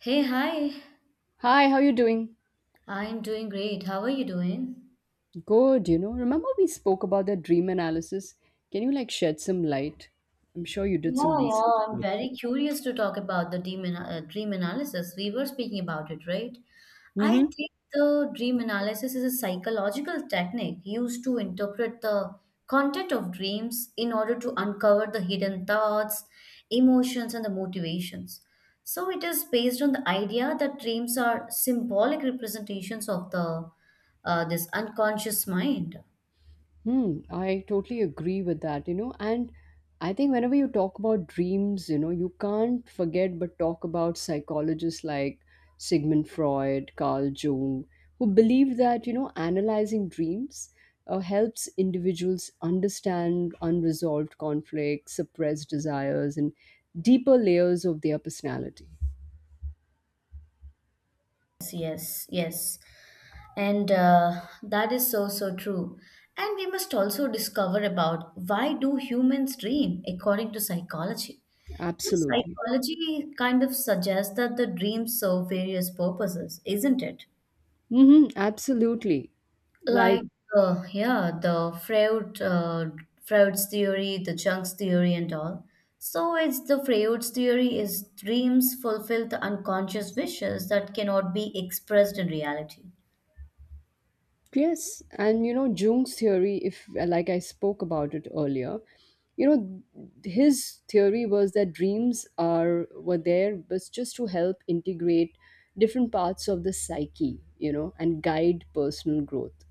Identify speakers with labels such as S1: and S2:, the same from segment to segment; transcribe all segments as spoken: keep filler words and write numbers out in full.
S1: Hey, hi.
S2: Hi, how you doing?
S1: I'm doing great. How are you doing?
S2: Good, you know. Remember we spoke about the dream analysis? Can you like shed some light? I'm sure you did some
S1: Yeah, yeah,
S2: research
S1: I'm
S2: about
S1: very curious to talk about the dream, ana- uh, dream analysis. We were speaking about it, right? I
S2: it.
S1: think the dream analysis is a psychological technique used to interpret the content of dreams in order to uncover the hidden thoughts, emotions, and the motivations. So it is based on the idea that dreams are symbolic representations of the uh, this unconscious mind.
S2: Hmm, I totally agree with that, you know, and I think whenever you talk about dreams, you know, you can't forget but talk about psychologists like Sigmund Freud, Carl Jung, who believed that, you know, analyzing dreams uh, helps individuals understand unresolved conflicts, suppressed desires, and deeper layers of their personality.
S1: Yes, yes, yes. And uh, that is so, so true. And we must also discover about why do humans dream according to psychology.
S2: Absolutely.
S1: Psychology kind of suggests that the dreams serve various purposes, isn't it?
S2: Mm-hmm, absolutely. Like,
S1: Like, uh, yeah, the Freud, uh, Freud's theory, the Jung's theory, and all. So it's the Freud's theory is dreams fulfill the unconscious wishes that cannot be expressed in reality.
S2: yes, and you know Jung's theory, if uh, like I spoke about it earlier, you know his theory was that dreams are were there but just to help integrate different parts of the psyche, you know, and guide personal growth,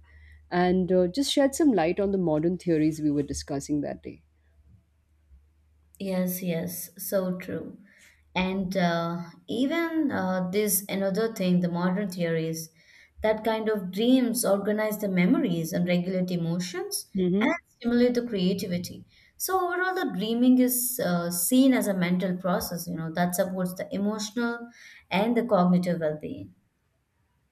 S2: and uh, just shed some light on the modern theories we were discussing that day.
S1: Yes, yes, so true. And uh, even uh, this another thing, the modern theories that kind of dreams organize the memories and regulate emotions
S2: Hmm.
S1: and stimulate the creativity. So overall, the dreaming is uh, seen as a mental process, you know, that supports the emotional and the cognitive well-being.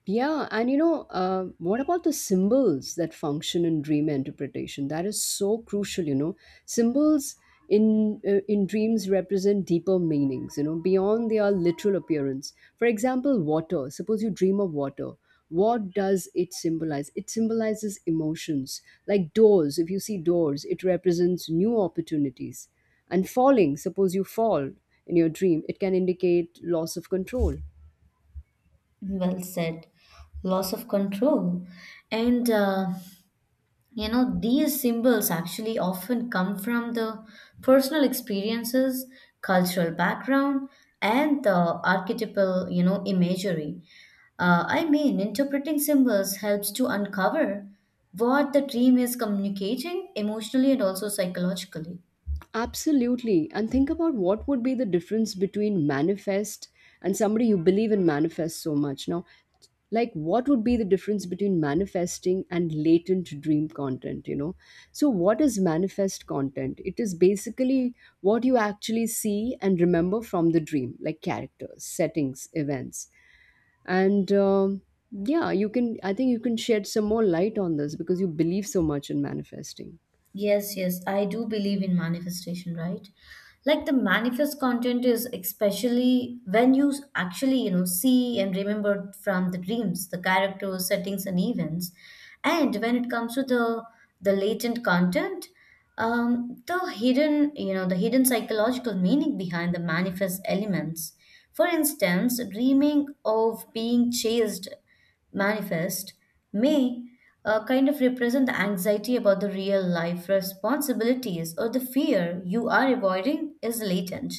S2: Yeah, and you know, uh, what about the symbols that function in dream interpretation? That is so crucial. You know, symbols in uh, in dreams represent deeper meanings, you know, beyond their literal appearance. For example, water. Suppose you dream of water. What does it symbolize? It symbolizes emotions. Like doors, if you see doors, it represents new opportunities. And falling, suppose you fall in your dream, it can indicate loss of control.
S1: Well said. Loss of control. And uh, you know, these symbols actually often come from the personal experiences, cultural background, and the archetypal, you know, imagery. Uh, I mean, interpreting symbols helps to uncover what the dream is communicating emotionally and also psychologically.
S2: Absolutely. And think about what would be the difference between manifest and somebody you believe in manifest so much. Now, like what would be the difference between manifesting and latent dream content, you know? So what is manifest content? It is basically what you actually see and remember from the dream, like characters, settings, events. And um, Yeah, you can I think you can shed some more light on this because you believe so much in manifesting.
S1: Yes, yes, I do believe in manifestation, right? Like the manifest content is especially when you s- actually, you know, see and remember from the dreams, the characters, settings, and events. And when it comes to the the latent content, um, the hidden, you know, the hidden psychological meaning behind the manifest elements. For instance, dreaming of being chased manifest may uh, kind of represent the anxiety about the real life responsibilities, or the fear you are avoiding is latent.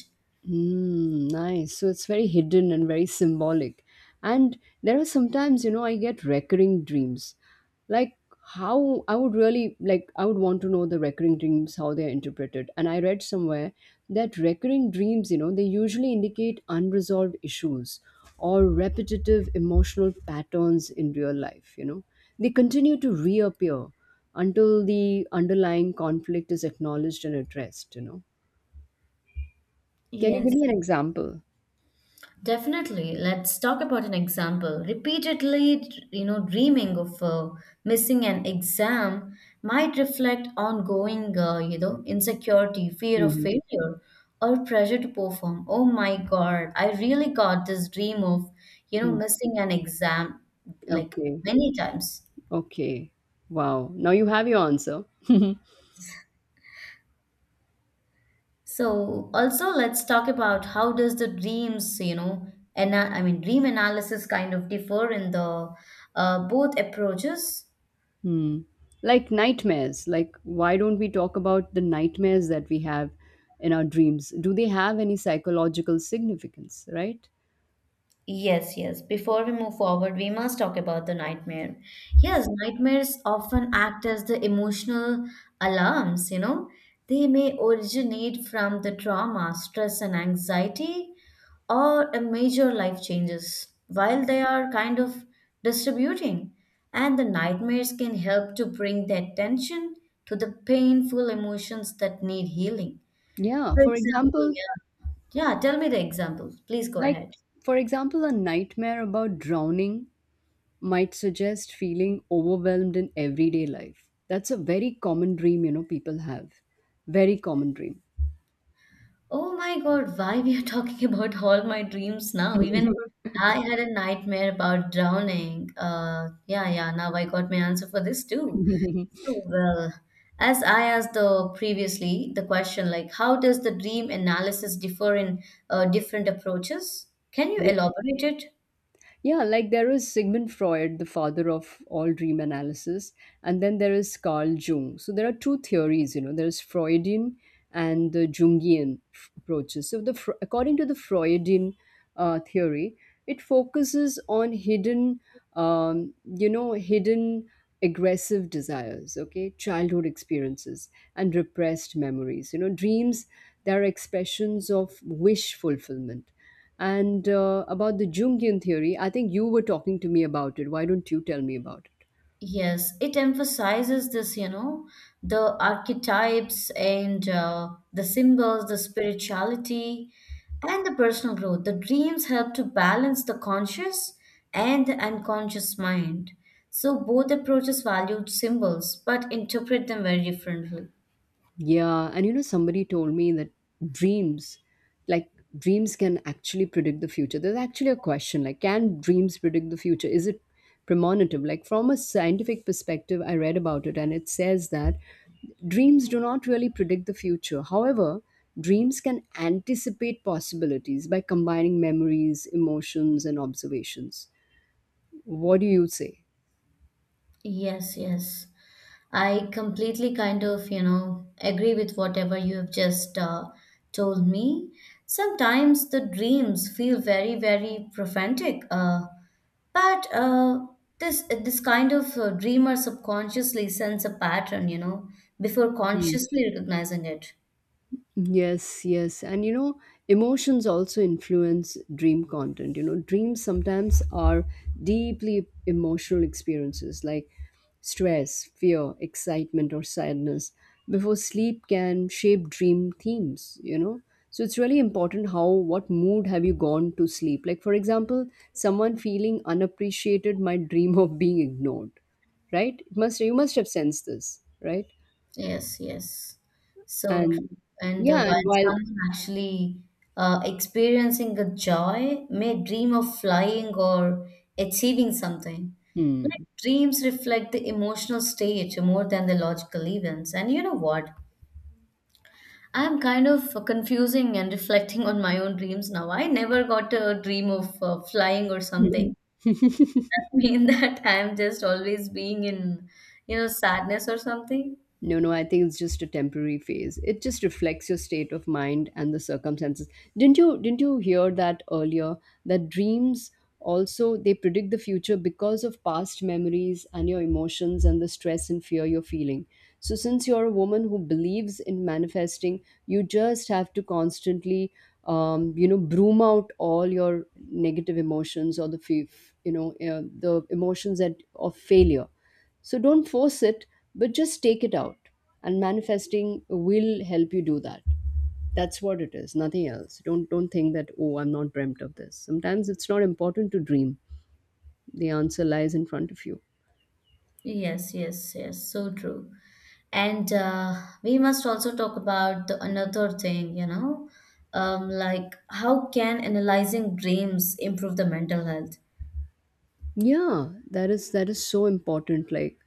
S2: Mm, nice. So it's very hidden and very symbolic. And there are sometimes, you know, I get recurring dreams. Like how I would really like I would want to know the recurring dreams, how they are interpreted. And I read somewhere that recurring dreams, you know, they usually indicate unresolved issues or repetitive emotional patterns in real life, you know. They continue to reappear until the underlying conflict is acknowledged and addressed, you know. Can you
S1: Yes.
S2: give me an example?
S1: Definitely. Let's talk about an example. Repeatedly, you know, dreaming of uh, missing an exam might reflect ongoing, uh, you know, insecurity, fear of
S2: Mhm.
S1: failure, or pressure to perform. Oh my God, I really got this dream of, you know,
S2: Hmm.
S1: missing an exam like
S2: Okay,
S1: many times.
S2: okay. Wow. Now you have your answer.
S1: So also let's talk about how does the dreams, you know, and I mean dream analysis kind of differ in the uh, both approaches.
S2: Hmm. Like nightmares. Like, why don't we talk about the nightmares that we have in our dreams? Do they have any psychological significance, right?
S1: Yes, yes. Before we move forward, we must talk about the nightmare. Yes, nightmares often act as the emotional alarms, you know. They may originate from the trauma, stress, and anxiety, or a major life changes while they are kind of distributing. And the nightmares can help to bring the attention to the painful emotions that need healing.
S2: Yeah.
S1: For
S2: For
S1: example,
S2: example,
S1: yeah. Yeah, tell me the example. Please go
S2: like,
S1: ahead.
S2: for example, a nightmare about drowning might suggest feeling overwhelmed in everyday life. That's a very common dream, you know, people have. Very common dream.
S1: Oh my God, why we are talking about all my dreams now? Even I had a nightmare about drowning. Uh, yeah, yeah, now I got my answer for this too. So, well, as I asked the previously the question, like how does the dream analysis differ in uh, different approaches? Can you
S2: Yeah.
S1: elaborate it?
S2: Yeah, like there is Sigmund Freud, the father of all dream analysis, and then there is Carl Jung. So there are two theories, you know, there's Freudian and the Jungian f- approaches. So the Fr- according to the Freudian uh, theory, it focuses on hidden um, you know, hidden aggressive desires, okay, childhood experiences and repressed memories, you know, dreams, they're expressions of wish fulfillment. And uh, about the Jungian theory, I think you were talking to me about it. Why don't you tell me about it?
S1: Yes, it emphasizes this, you know, the archetypes and uh, the symbols, the spirituality, and the personal growth. The dreams help to balance the conscious and the unconscious mind. So both approaches valued symbols, but interpret them very differently.
S2: Yeah, and you know, somebody told me that dreams, like dreams can actually predict the future. There's actually a question like, can dreams predict the future? Is it premonitive? Like, from a scientific perspective, I read about it and it says that dreams do not really predict the future. However, dreams can anticipate possibilities by combining memories, emotions, and observations. What do you say?
S1: Yes, yes. I completely kind of, you know, agree with whatever you have just uh, told me. Sometimes the dreams feel very, very prophetic, uh, but uh, this this kind of uh, dreamer subconsciously sense a pattern, you know, before consciously recognizing it.
S2: Yes, yes. And you know, emotions also influence dream content. You know, dreams sometimes are deeply emotional experiences like stress, fear, excitement, or sadness before sleep can shape dream themes, you know. So it's really important how, what mood have you gone to sleep? Like, for example, someone feeling unappreciated might dream of being ignored, right? It must, you must have sensed this, right?
S1: Yes, yes, so
S2: And
S1: true. And uh,
S2: yeah, and
S1: while
S2: while,
S1: some actually uh, experiencing a joy may dream of flying or achieving something.
S2: hmm.
S1: Like dreams reflect the emotional state more than the logical events. And you know what? I'm kind of confusing and reflecting on my own dreams now. I never got a dream of uh, flying or something. Does that mean that I'm just always being in, you know, sadness or something?
S2: No, no, I think it's just a temporary phase. It just reflects your state of mind and the circumstances. Didn't you didn't you hear that earlier that dreams also they predict the future because of past memories and your emotions and the stress and fear you're feeling. So since you're a woman who believes in manifesting, you just have to constantly um, you know broom out all your negative emotions or the fe- you know uh, the emotions that of failure. So don't force it, but just take it out. And manifesting will help you do that. That's what it is, nothing else. Don't don't think that, oh, I'm not dreamt of this. Sometimes it's not important to dream. The answer lies in front of you.
S1: Yes, yes, yes, so true. And uh, we must also talk about the another thing, you know, um, like how can analyzing dreams improve the mental health?
S2: Yeah, that is that is so important. Like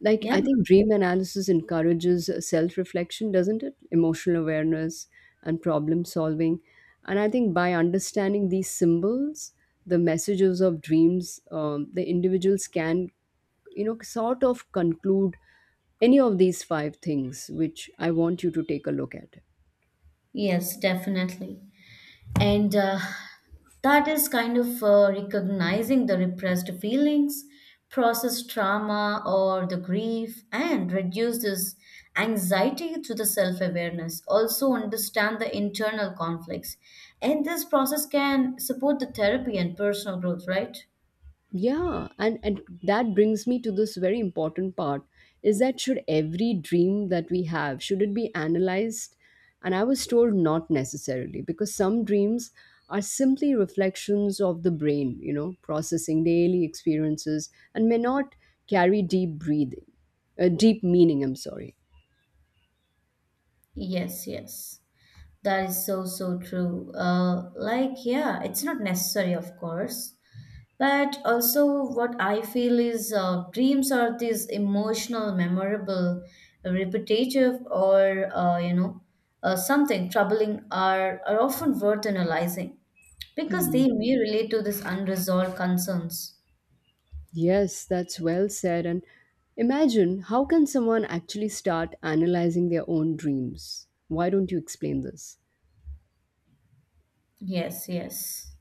S2: like
S1: Yeah,
S2: I think dream analysis encourages self-reflection, doesn't it? Emotional awareness and problem solving. And I think by understanding these symbols, the messages of dreams, um, the individuals can, you know, sort of conclude any of these five things, which I want you to take a look at.
S1: yes, definitely. And uh, that is kind of uh, recognizing the repressed feelings, process trauma or the grief, and reduce this anxiety through the self-awareness, also understand the internal conflicts, and this process can support the therapy and personal growth, right?
S2: Yeah, and, and that brings me to this very important part is that should every dream that we have, should it be analyzed? And I was told not necessarily, because some dreams are simply reflections of the brain, you know, processing daily experiences and may not carry deep breathing, uh, deep meaning, I'm sorry.
S1: Yes, yes, that is so, so true, uh, like, yeah, it's not necessary, of course. But also, what I feel is uh, dreams are these emotional, memorable, uh, repetitive, or uh, you know, uh, something troubling are are often worth analyzing because they
S2: Hmm.
S1: may relate to these unresolved concerns.
S2: Yes, that's well said. And imagine how can someone actually start analyzing their own dreams? Why don't you explain this?
S1: Yes, yes.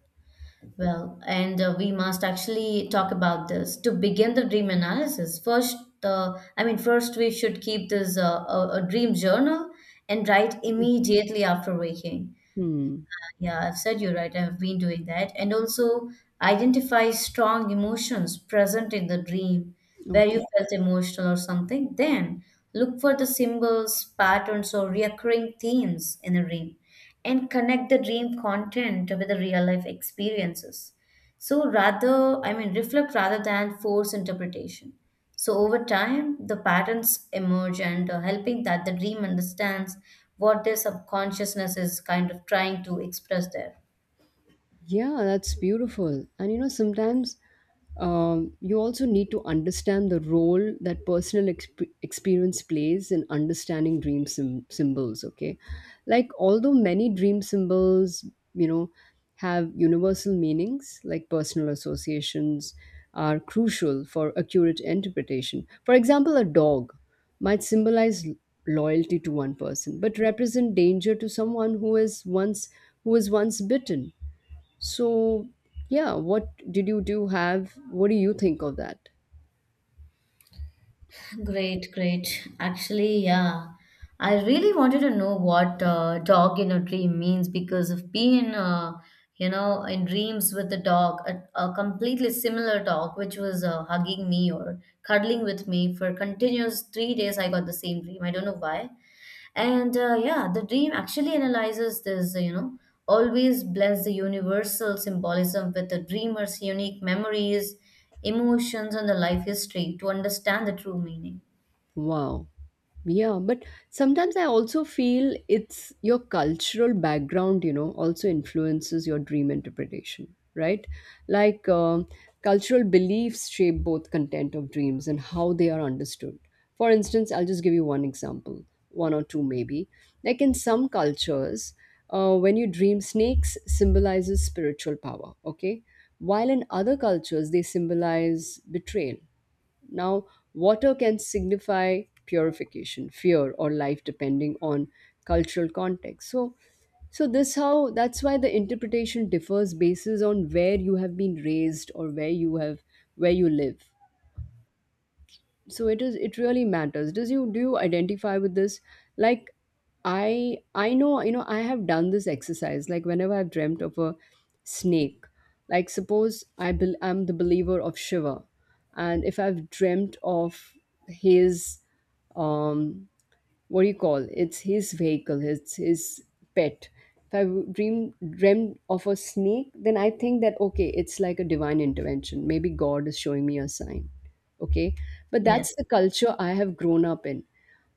S1: Well, and uh, we must actually talk about this to begin the dream analysis. First, uh, I mean, first we should keep this uh, a, a dream journal and write immediately after waking.
S2: Hmm.
S1: Yeah, I've said you're right. I've been doing that. And also identify strong emotions present in the dream where
S2: Okay.
S1: you felt emotional or something. Then look for the symbols, patterns, or recurring themes in the dream and connect the dream content with the real life experiences. So rather, I mean, reflect rather than force interpretation. So over time, the patterns emerge and uh, helping that the dream understands what their subconsciousness is kind of trying to express there.
S2: Yeah, that's beautiful. And you know, sometimes um, you also need to understand the role that personal exp- experience plays in understanding dream sym symbols, okay? Like although many dream symbols, you know, have universal meanings, like personal associations are crucial for accurate interpretation. For example, a dog might symbolize loyalty to one person but represent danger to someone who is once who was once bitten. So, yeah, what did you do have? What do you think of that?
S1: Great, great. Actually, yeah. I really wanted to know what uh, dog in a dream means because of being, uh, you know, in dreams with a dog, a, a completely similar dog, which was uh, hugging me or cuddling with me for continuous three days. I got the same dream. I don't know why. And uh, yeah, the dream actually analyzes this, you know, always blends the universal symbolism with the dreamer's unique memories, emotions, and the life history to understand the true meaning.
S2: Wow. Yeah, but sometimes I also feel it's your cultural background, you know, also influences your dream interpretation, right? Like um, cultural beliefs shape both content of dreams and how they are understood. For instance, I'll just give you one example, one or two maybe. Like in some cultures, uh, when you dream, snakes symbolizes spiritual power, okay? While in other cultures, they symbolize betrayal. Now, water can signify purification, fear, or life, depending on cultural context. So, so this how that's why the interpretation differs basis on where you have been raised or where you have where you live. So it is, it really matters. Does you do you identify with this? Like i i know, you know, I have done this exercise. Like whenever I've dreamt of a snake, like suppose i bel I'm the believer of Shiva, and if I've dreamt of his, um what do you call, it's his vehicle, it's his pet, if i dream dreamt of a snake, then I think that, okay, it's like a divine intervention, maybe God is showing me a sign, okay? But that's
S1: Yes.
S2: the culture I have grown up in.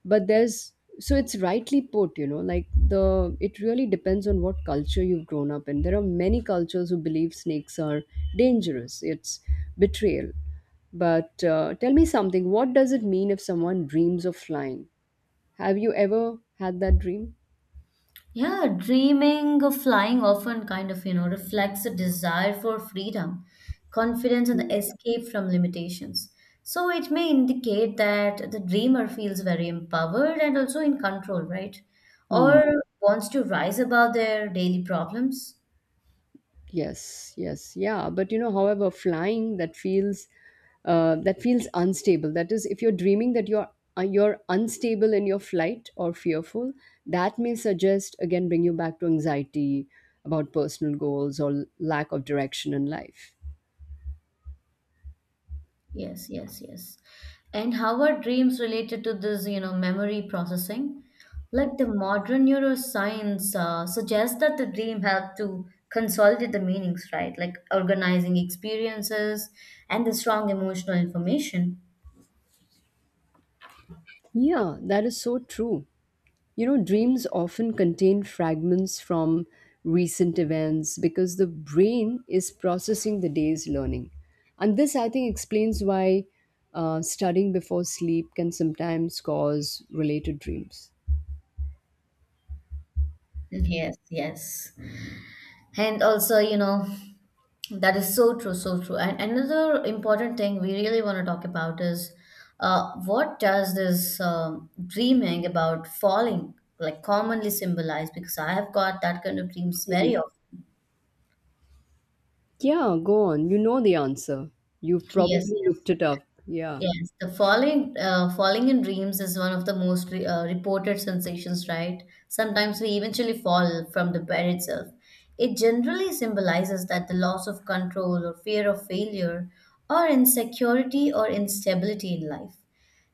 S2: But there's, so it's rightly put, you know, like the it really depends on what culture you've grown up in. There are many cultures who believe snakes are dangerous, it's betrayal. But uh, tell me something, what does it mean if someone dreams of flying? Have you ever had that dream?
S1: Yeah, dreaming of flying often kind of, you know, reflects a desire for freedom, confidence, and the escape from limitations. So it may indicate that the dreamer feels very empowered and also in control, right?
S2: Hmm.
S1: Or wants to rise above their daily problems.
S2: Yes, yes, yeah. But you know, however, flying that feels uh, that feels unstable. That is, if you're dreaming that you're uh, you're unstable in your flight or fearful, that may suggest again bring you back to anxiety about personal goals or lack of direction in life.
S1: Yes, yes, yes. And how are dreams related to this, you know, memory processing? Like the modern neuroscience uh, suggests that the dream help to consolidate the meanings, right? Like organizing experiences and the strong emotional information.
S2: Yeah, that is so true. You know, dreams often contain fragments from recent events because the brain is processing the day's learning. And this, I think, explains why uh, studying before sleep can sometimes cause related dreams.
S1: Yes, yes. And also, you know, that is so true, so true. And another important thing we really want to talk about is uh, what does this um, dreaming about falling like commonly symbolize? Because I have got that kind of dreams very often.
S2: Yeah, go on. You know the answer. You've
S1: Yes,
S2: probably
S1: yes.
S2: looked it up. Yeah.
S1: Yes, the falling uh, falling in dreams is one of the most re- uh, reported sensations, right? Sometimes we eventually fall from the bed itself. It generally symbolizes that the loss of control or fear of failure or insecurity or instability in life.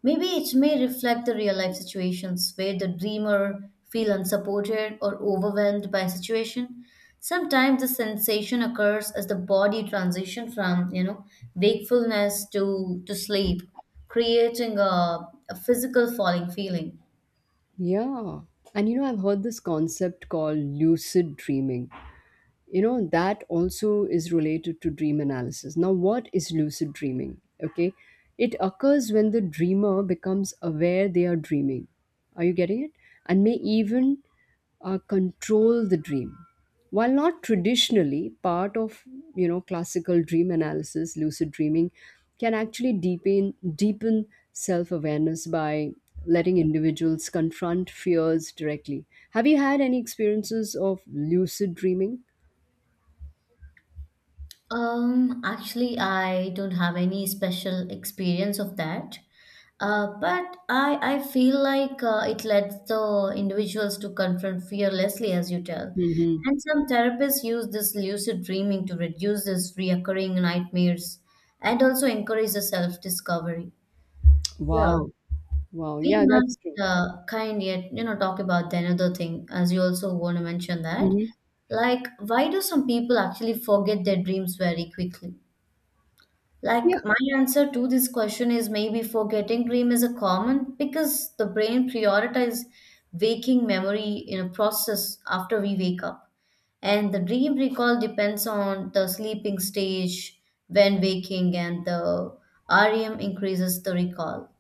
S1: Maybe it may reflect the real life situations where the dreamer feel unsupported or overwhelmed by a situation. Sometimes the sensation occurs as the body transition from, you know, wakefulness to to sleep, creating a, a physical falling feeling.
S2: Yeah. And you know, I've heard this concept called lucid dreaming, you know, that also is related to dream analysis. Now what is lucid dreaming? Okay, it occurs when the dreamer becomes aware they are dreaming, are you getting it, and may even uh, control the dream. While not traditionally part of, you know, classical dream analysis, lucid dreaming can actually deepen deepen self-awareness by letting individuals confront fears directly. Have you had any experiences of lucid dreaming?
S1: Um, actually, I don't have any special experience of that. Uh, but I, I feel like uh, it lets the individuals to confront fearlessly, as you tell.
S2: Mhm.
S1: And some therapists use this lucid dreaming to reduce this reoccurring nightmares and also encourage the self-discovery. Yeah,
S2: Wow. Wow.
S1: we
S2: Yeah, that's
S1: must
S2: true.
S1: uh, kind yet, you know, talk about the another thing, as you also want to mention that.
S2: Mhm.
S1: Like, why do some people actually forget their dreams very quickly?
S2: Yeah.
S1: Like my answer to this question is maybe forgetting dream is a common because the brain prioritizes waking memory in a process after we wake up. And the dream recall depends on the sleeping stage when waking and the R E M increases the recall.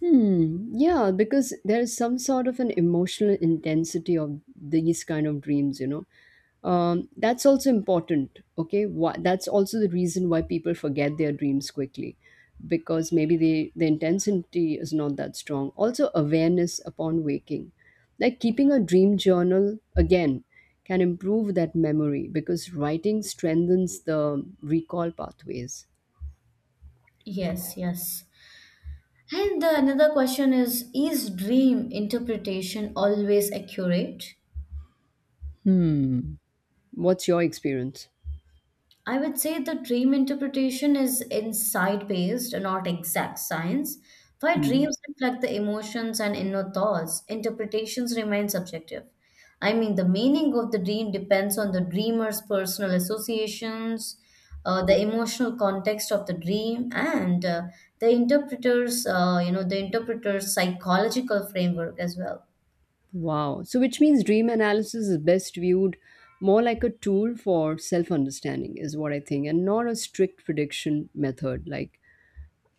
S2: Hmm. Yeah, because there is some sort of an emotional intensity of these kind of dreams, you know. Um, that's also important. Okay. Why, that's also the reason why people forget their dreams quickly, because maybe the, the intensity is not that strong. Also, awareness upon waking. Like keeping a dream journal, again, can improve that memory because writing strengthens the recall pathways.
S1: Yes, yes. And the another question is Is dream interpretation always accurate?
S2: Hmm. What's your experience?
S1: I would say the dream interpretation is insight based, not exact science. While
S2: Hmm.
S1: dreams reflect the emotions and inner thoughts, interpretations remain subjective. I mean, the meaning of the dream depends on the dreamer's personal associations, uh, the emotional context of the dream, and uh, the interpreter's, uh, you know, the interpreter's psychological framework as well.
S2: Wow. So, which means dream analysis is best viewed more like a tool for self understanding, is what I think, and not a strict prediction method like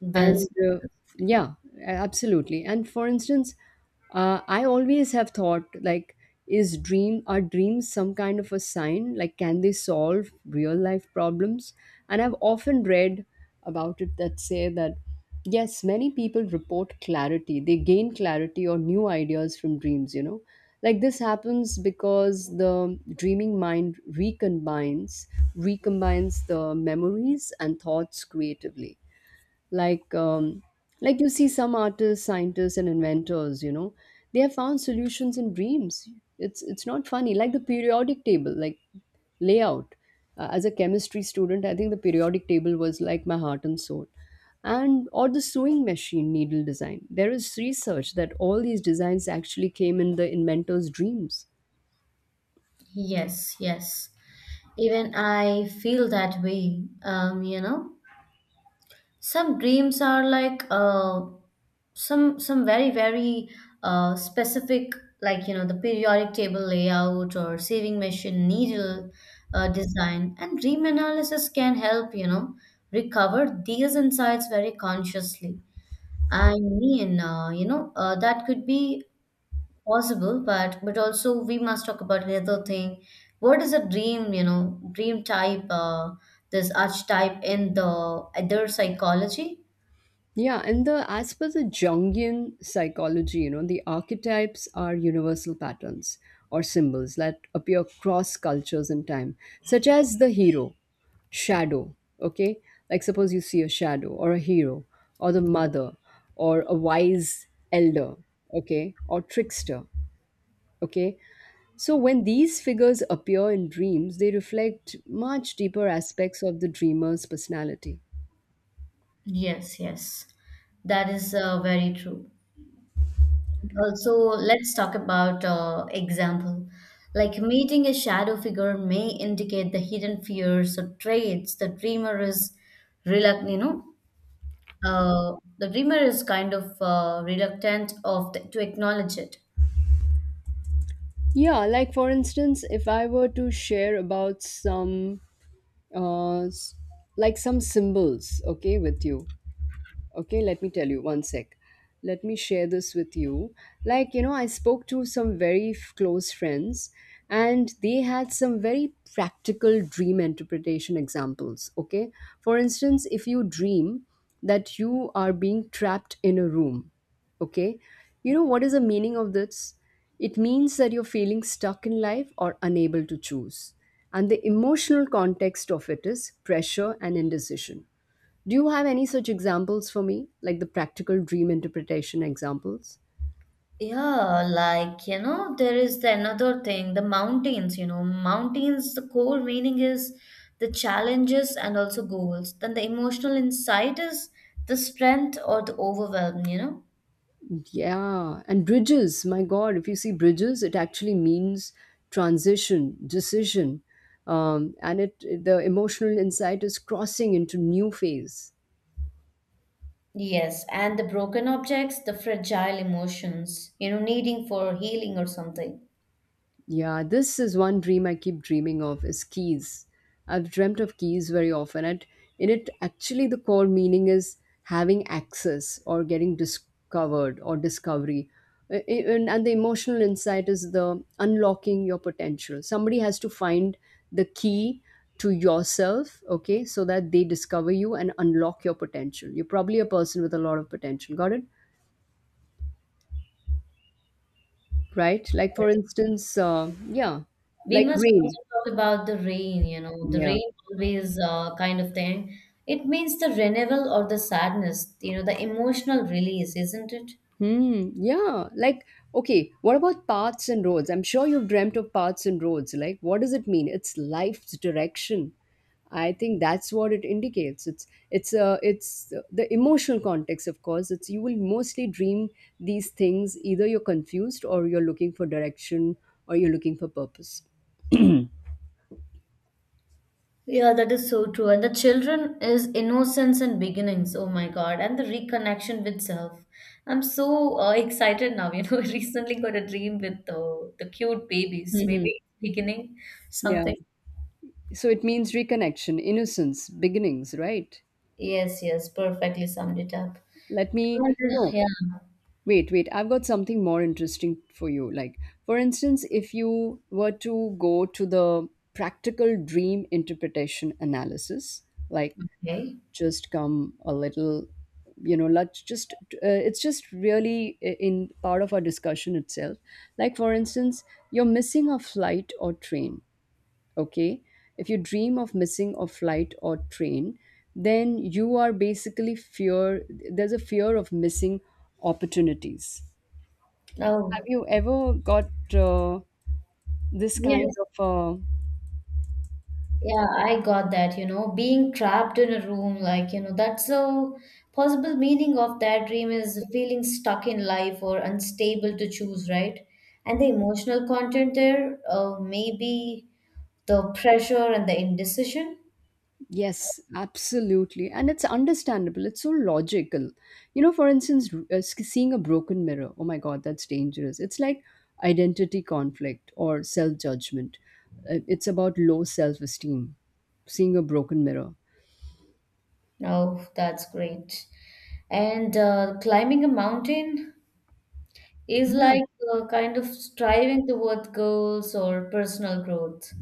S1: Well,
S2: and uh, yeah, absolutely. And for instance, uh, I always have thought like is dream are dreams some kind of a sign, like can they solve real life problems? And I've often read about it that say that yes, many people report clarity, they gain clarity or new ideas from dreams you know Like this happens because the dreaming mind recombines recombines the memories and thoughts creatively. like um, like you see some artists, scientists and inventors, you know, they have found solutions in dreams. It's it's not funny, like the periodic table, like layout. Uh, as a chemistry student, I think the periodic table was like my heart and soul. And or the sewing machine needle design, there is research that all these designs actually came in the inventor's dreams.
S1: yes, yes. Even I feel that way, um, you know, some dreams are like uh, some some very, very uh, specific, like, you know, the periodic table layout or sewing machine needle uh, design, and dream analysis can help, you know, recover these insights very consciously. i mean uh, you know uh, that could be possible, but but also we must talk about another thing. What is a dream, you know, dream type, uh, this archetype in the other psychology?
S2: Yeah, and the as per the Jungian psychology, you know, the archetypes are universal patterns or symbols that appear across cultures and time, such as the hero, shadow, okay? Like suppose you see a shadow or a hero or the mother or a wise elder, okay, or trickster, okay? So when these figures appear in dreams, they reflect much deeper aspects of the dreamer's personality.
S1: Yes, yes, that is uh, very true. Also, let's talk about uh, example. Like meeting a shadow figure may indicate the hidden fears or traits the dreamer is reluctant, you know, uh, the dreamer is kind of uh, reluctant of to acknowledge it.
S2: Yeah, like for instance, if I were to share about some, uh, s- like some symbols, okay, with you. Okay, let me tell you one sec. Let me share this with you. Like, you know, I spoke to some very f- close friends and they had some very practical dream interpretation examples. Okay. For instance, if you dream that you are being trapped in a room, okay, you know what is the meaning of this? It means that you're feeling stuck in life or unable to choose. And the emotional context of it is pressure and indecision. Do you have any such examples for me, like the practical dream interpretation examples?
S1: Yeah, like you know, there is the another thing, the mountains, you know, mountains, the core meaning is the challenges and also goals. Then the emotional insight is the strength or the overwhelm, you know.
S2: Yeah, and bridges, my God, if you see bridges, it actually means transition, decision, um, and it the emotional insight is crossing into new phase.
S1: Yes, and the broken objects, the fragile emotions, you know, needing for healing or something.
S2: Yeah, this is one dream I keep dreaming of is keys. I've dreamt of keys very often, and in it actually the core meaning is having access or getting discovered or discovery. Uh, uh, And, and the emotional insight is the unlocking your potential. Somebody has to find the key to yourself, okay, so that they discover you and unlock your potential. You're probably a person with a lot of potential. Got it? Right? Like for
S1: Yes.
S2: instance, uh, yeah,
S1: We
S2: like
S1: must
S2: rain.
S1: also talk about the rain, you know, the
S2: Yeah.
S1: rain always uh, kind of thing. It means the renewal or the sadness, you know, the emotional release, isn't it?
S2: Hmm. Yeah. Like, okay, what about paths and roads? I'm sure you've dreamt of paths and roads. Like, what does it mean? It's life's direction. I think that's what it indicates. It's it's uh, it's the emotional context, of course. It's you will mostly dream these things. Either you're confused, or you're looking for direction, or you're looking for purpose.
S1: Yeah, that is so true. And the children is innocence and beginnings. Oh my God. And the reconnection with self. I'm so uh, excited now. You know, I recently got a dream with uh, the cute babies.
S2: Hmm.
S1: Maybe beginning
S2: Yeah.
S1: something.
S2: So it means reconnection, innocence, beginnings, right?
S1: Yes, yes. Perfectly summed it up.
S2: Let me
S1: And, uh,
S2: know.
S1: yeah.
S2: Wait, wait, I've got something more interesting for you. Like, for instance, if you were to go to the practical dream interpretation analysis, like
S1: Okay.
S2: just come a little, you know, let's just, uh, it's just really i- in part of our discussion itself. Like, for instance, you're missing a flight or train, okay? If you dream of missing a flight or train, then you are basically fear, there's a fear of missing opportunities.
S1: Oh,
S2: Have you ever got uh, this kind
S1: yes.
S2: of uh,
S1: Yeah, I got that, you know, being trapped in a room, like, you know, that's a possible meaning of that dream is feeling stuck in life or unstable to choose, right? And the emotional content there, uh, maybe the pressure and the indecision.
S2: Yes, absolutely. And it's understandable. It's so logical. You know, for instance, r- uh, sk- seeing a broken mirror. Oh my God, that's dangerous. It's like identity conflict or self-judgment. Uh, It's about low self-esteem, seeing a broken mirror.
S1: Oh, that's great. And uh, climbing a mountain is
S2: Yeah.
S1: like uh, kind of striving towards goals or personal growth.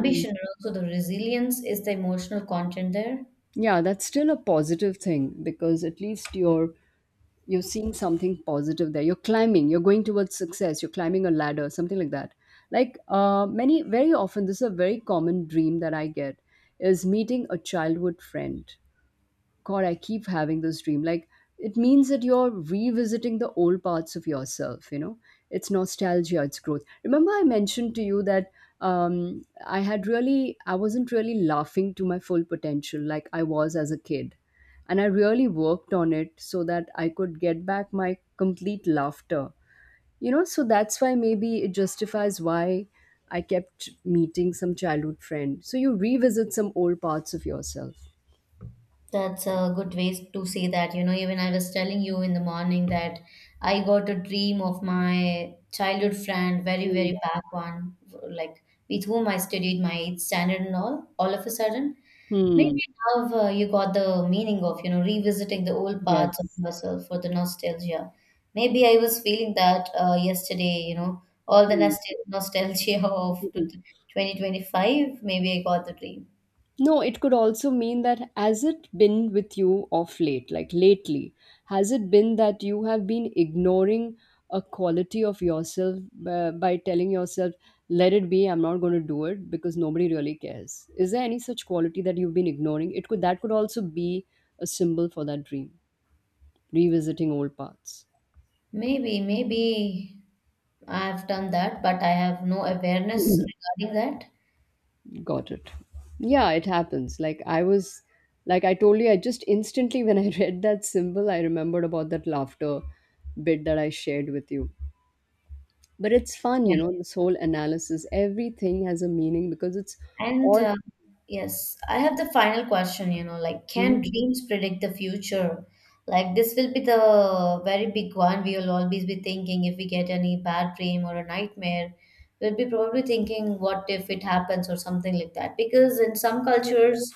S2: Mm.
S1: and also the resilience is the emotional content there.
S2: Yeah, that's still a positive thing because at least you're you're seeing something positive there, you're climbing, you're going towards success, you're climbing a ladder, something like that. Like uh, many, very often this is a very common dream that I get is meeting a childhood friend. God, I keep having this dream. Like, it means that you're revisiting the old parts of yourself, you know? It's nostalgia, it's growth. Remember, I mentioned to you that um, I had really, I wasn't really laughing to my full potential like I was as a kid. And I really worked on it so that I could get back my complete laughter, you know? So that's why maybe it justifies why I kept meeting some childhood friend. So you revisit some old parts of yourself.
S1: That's a good way to say that. You know, even I was telling you in the morning that I got a dream of my childhood friend, very,
S2: Hmm.
S1: very back one, like with whom I studied my eighth standard and all. All of a sudden, maybe
S2: Hmm.
S1: now uh, you got the meaning of, you know, revisiting the old parts of
S2: Yes.
S1: yourself for the nostalgia. Maybe I was feeling that uh, yesterday, you know, all the
S2: Hmm.
S1: nostal- nostalgia of
S2: Mhm.
S1: twenty twenty-five. Maybe I got the dream.
S2: No, it could also mean that has it been with you of late, like lately, has it been that you have been ignoring a quality of yourself uh, by telling yourself, let it be, I'm not going to do it because nobody really cares? Is there any such quality that you've been ignoring? It could that could also be a symbol for that dream, revisiting old paths.
S1: Maybe, maybe. I've done that, but I have no awareness regarding that.
S2: Got it. Yeah, it happens. Like I was like I told you, I just instantly when I read that symbol, I remembered about that laughter bit that I shared with you. But it's fun,
S1: Yeah.
S2: you know, this whole analysis. Everything has a meaning because it's
S1: And
S2: all.
S1: uh, yes, I have the final question, you know, like
S2: Mhm.
S1: can dreams predict the future? Like this will be the very big one. We will always be thinking if we get any bad dream or a nightmare, we'll be probably thinking what if it happens or something like that. Because in some cultures,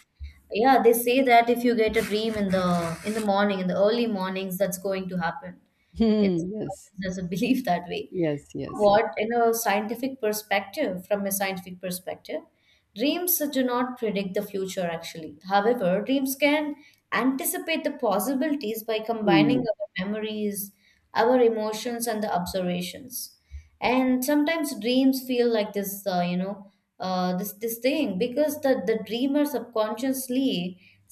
S1: yeah, they say that if you get a dream in the in the morning, in the early mornings, that's going to happen. It's
S2: Hmm, yes.
S1: there's a belief that way.
S2: Yes, yes, yes.
S1: What in a scientific perspective, from a scientific perspective, dreams do not predict the future actually. However, dreams can anticipate the possibilities by combining
S2: Hmm.
S1: our memories, our emotions and the observations. And sometimes dreams feel like this, uh, you know, uh, this this thing because the the dreamer subconsciously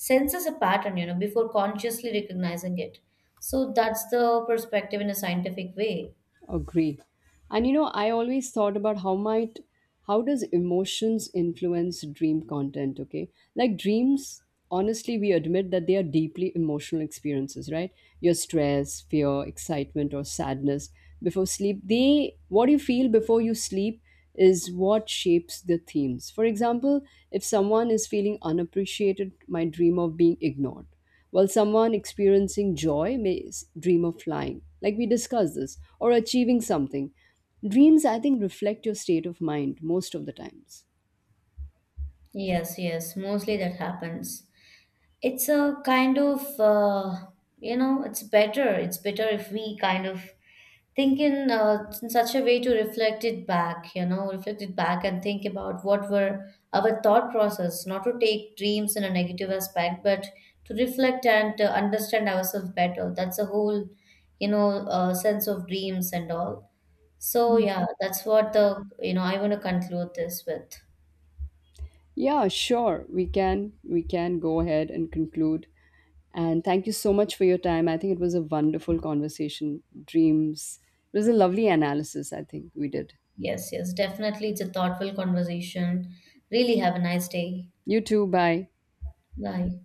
S1: senses a pattern, you know, before consciously recognizing it. So that's the perspective in a scientific way.
S2: Agree. And you know, I always thought about how might how does emotions influence dream content, okay? Like dreams, honestly, we admit that they are deeply emotional experiences, right? Your stress, fear, excitement or sadness before sleep, they what you feel before you sleep is what shapes the themes. For example, if someone is feeling unappreciated, might dream of being ignored, while someone experiencing joy may s- dream of flying like we discussed this or achieving something. Dreams I think reflect your state of mind most of the times.
S1: Yes, yes, mostly that happens. It's a kind of, uh, you know, it's better. It's better if we kind of think in, uh, in such a way to reflect it back, you know, reflect it back and think about what were our thought process, not to take dreams in a negative aspect, but to reflect and uh, understand ourselves better. That's a whole, you know, uh, sense of dreams and all. So, yeah, that's what the, you know, I want to conclude this with.
S2: Yeah, sure, we can, we can go ahead and conclude. And thank you so much for your time, I think it was a wonderful conversation. Dreams, it was a lovely analysis I think we did.
S1: Yes, yes, definitely. It's a thoughtful conversation. Really have a nice day.
S2: You too, bye.
S1: Bye.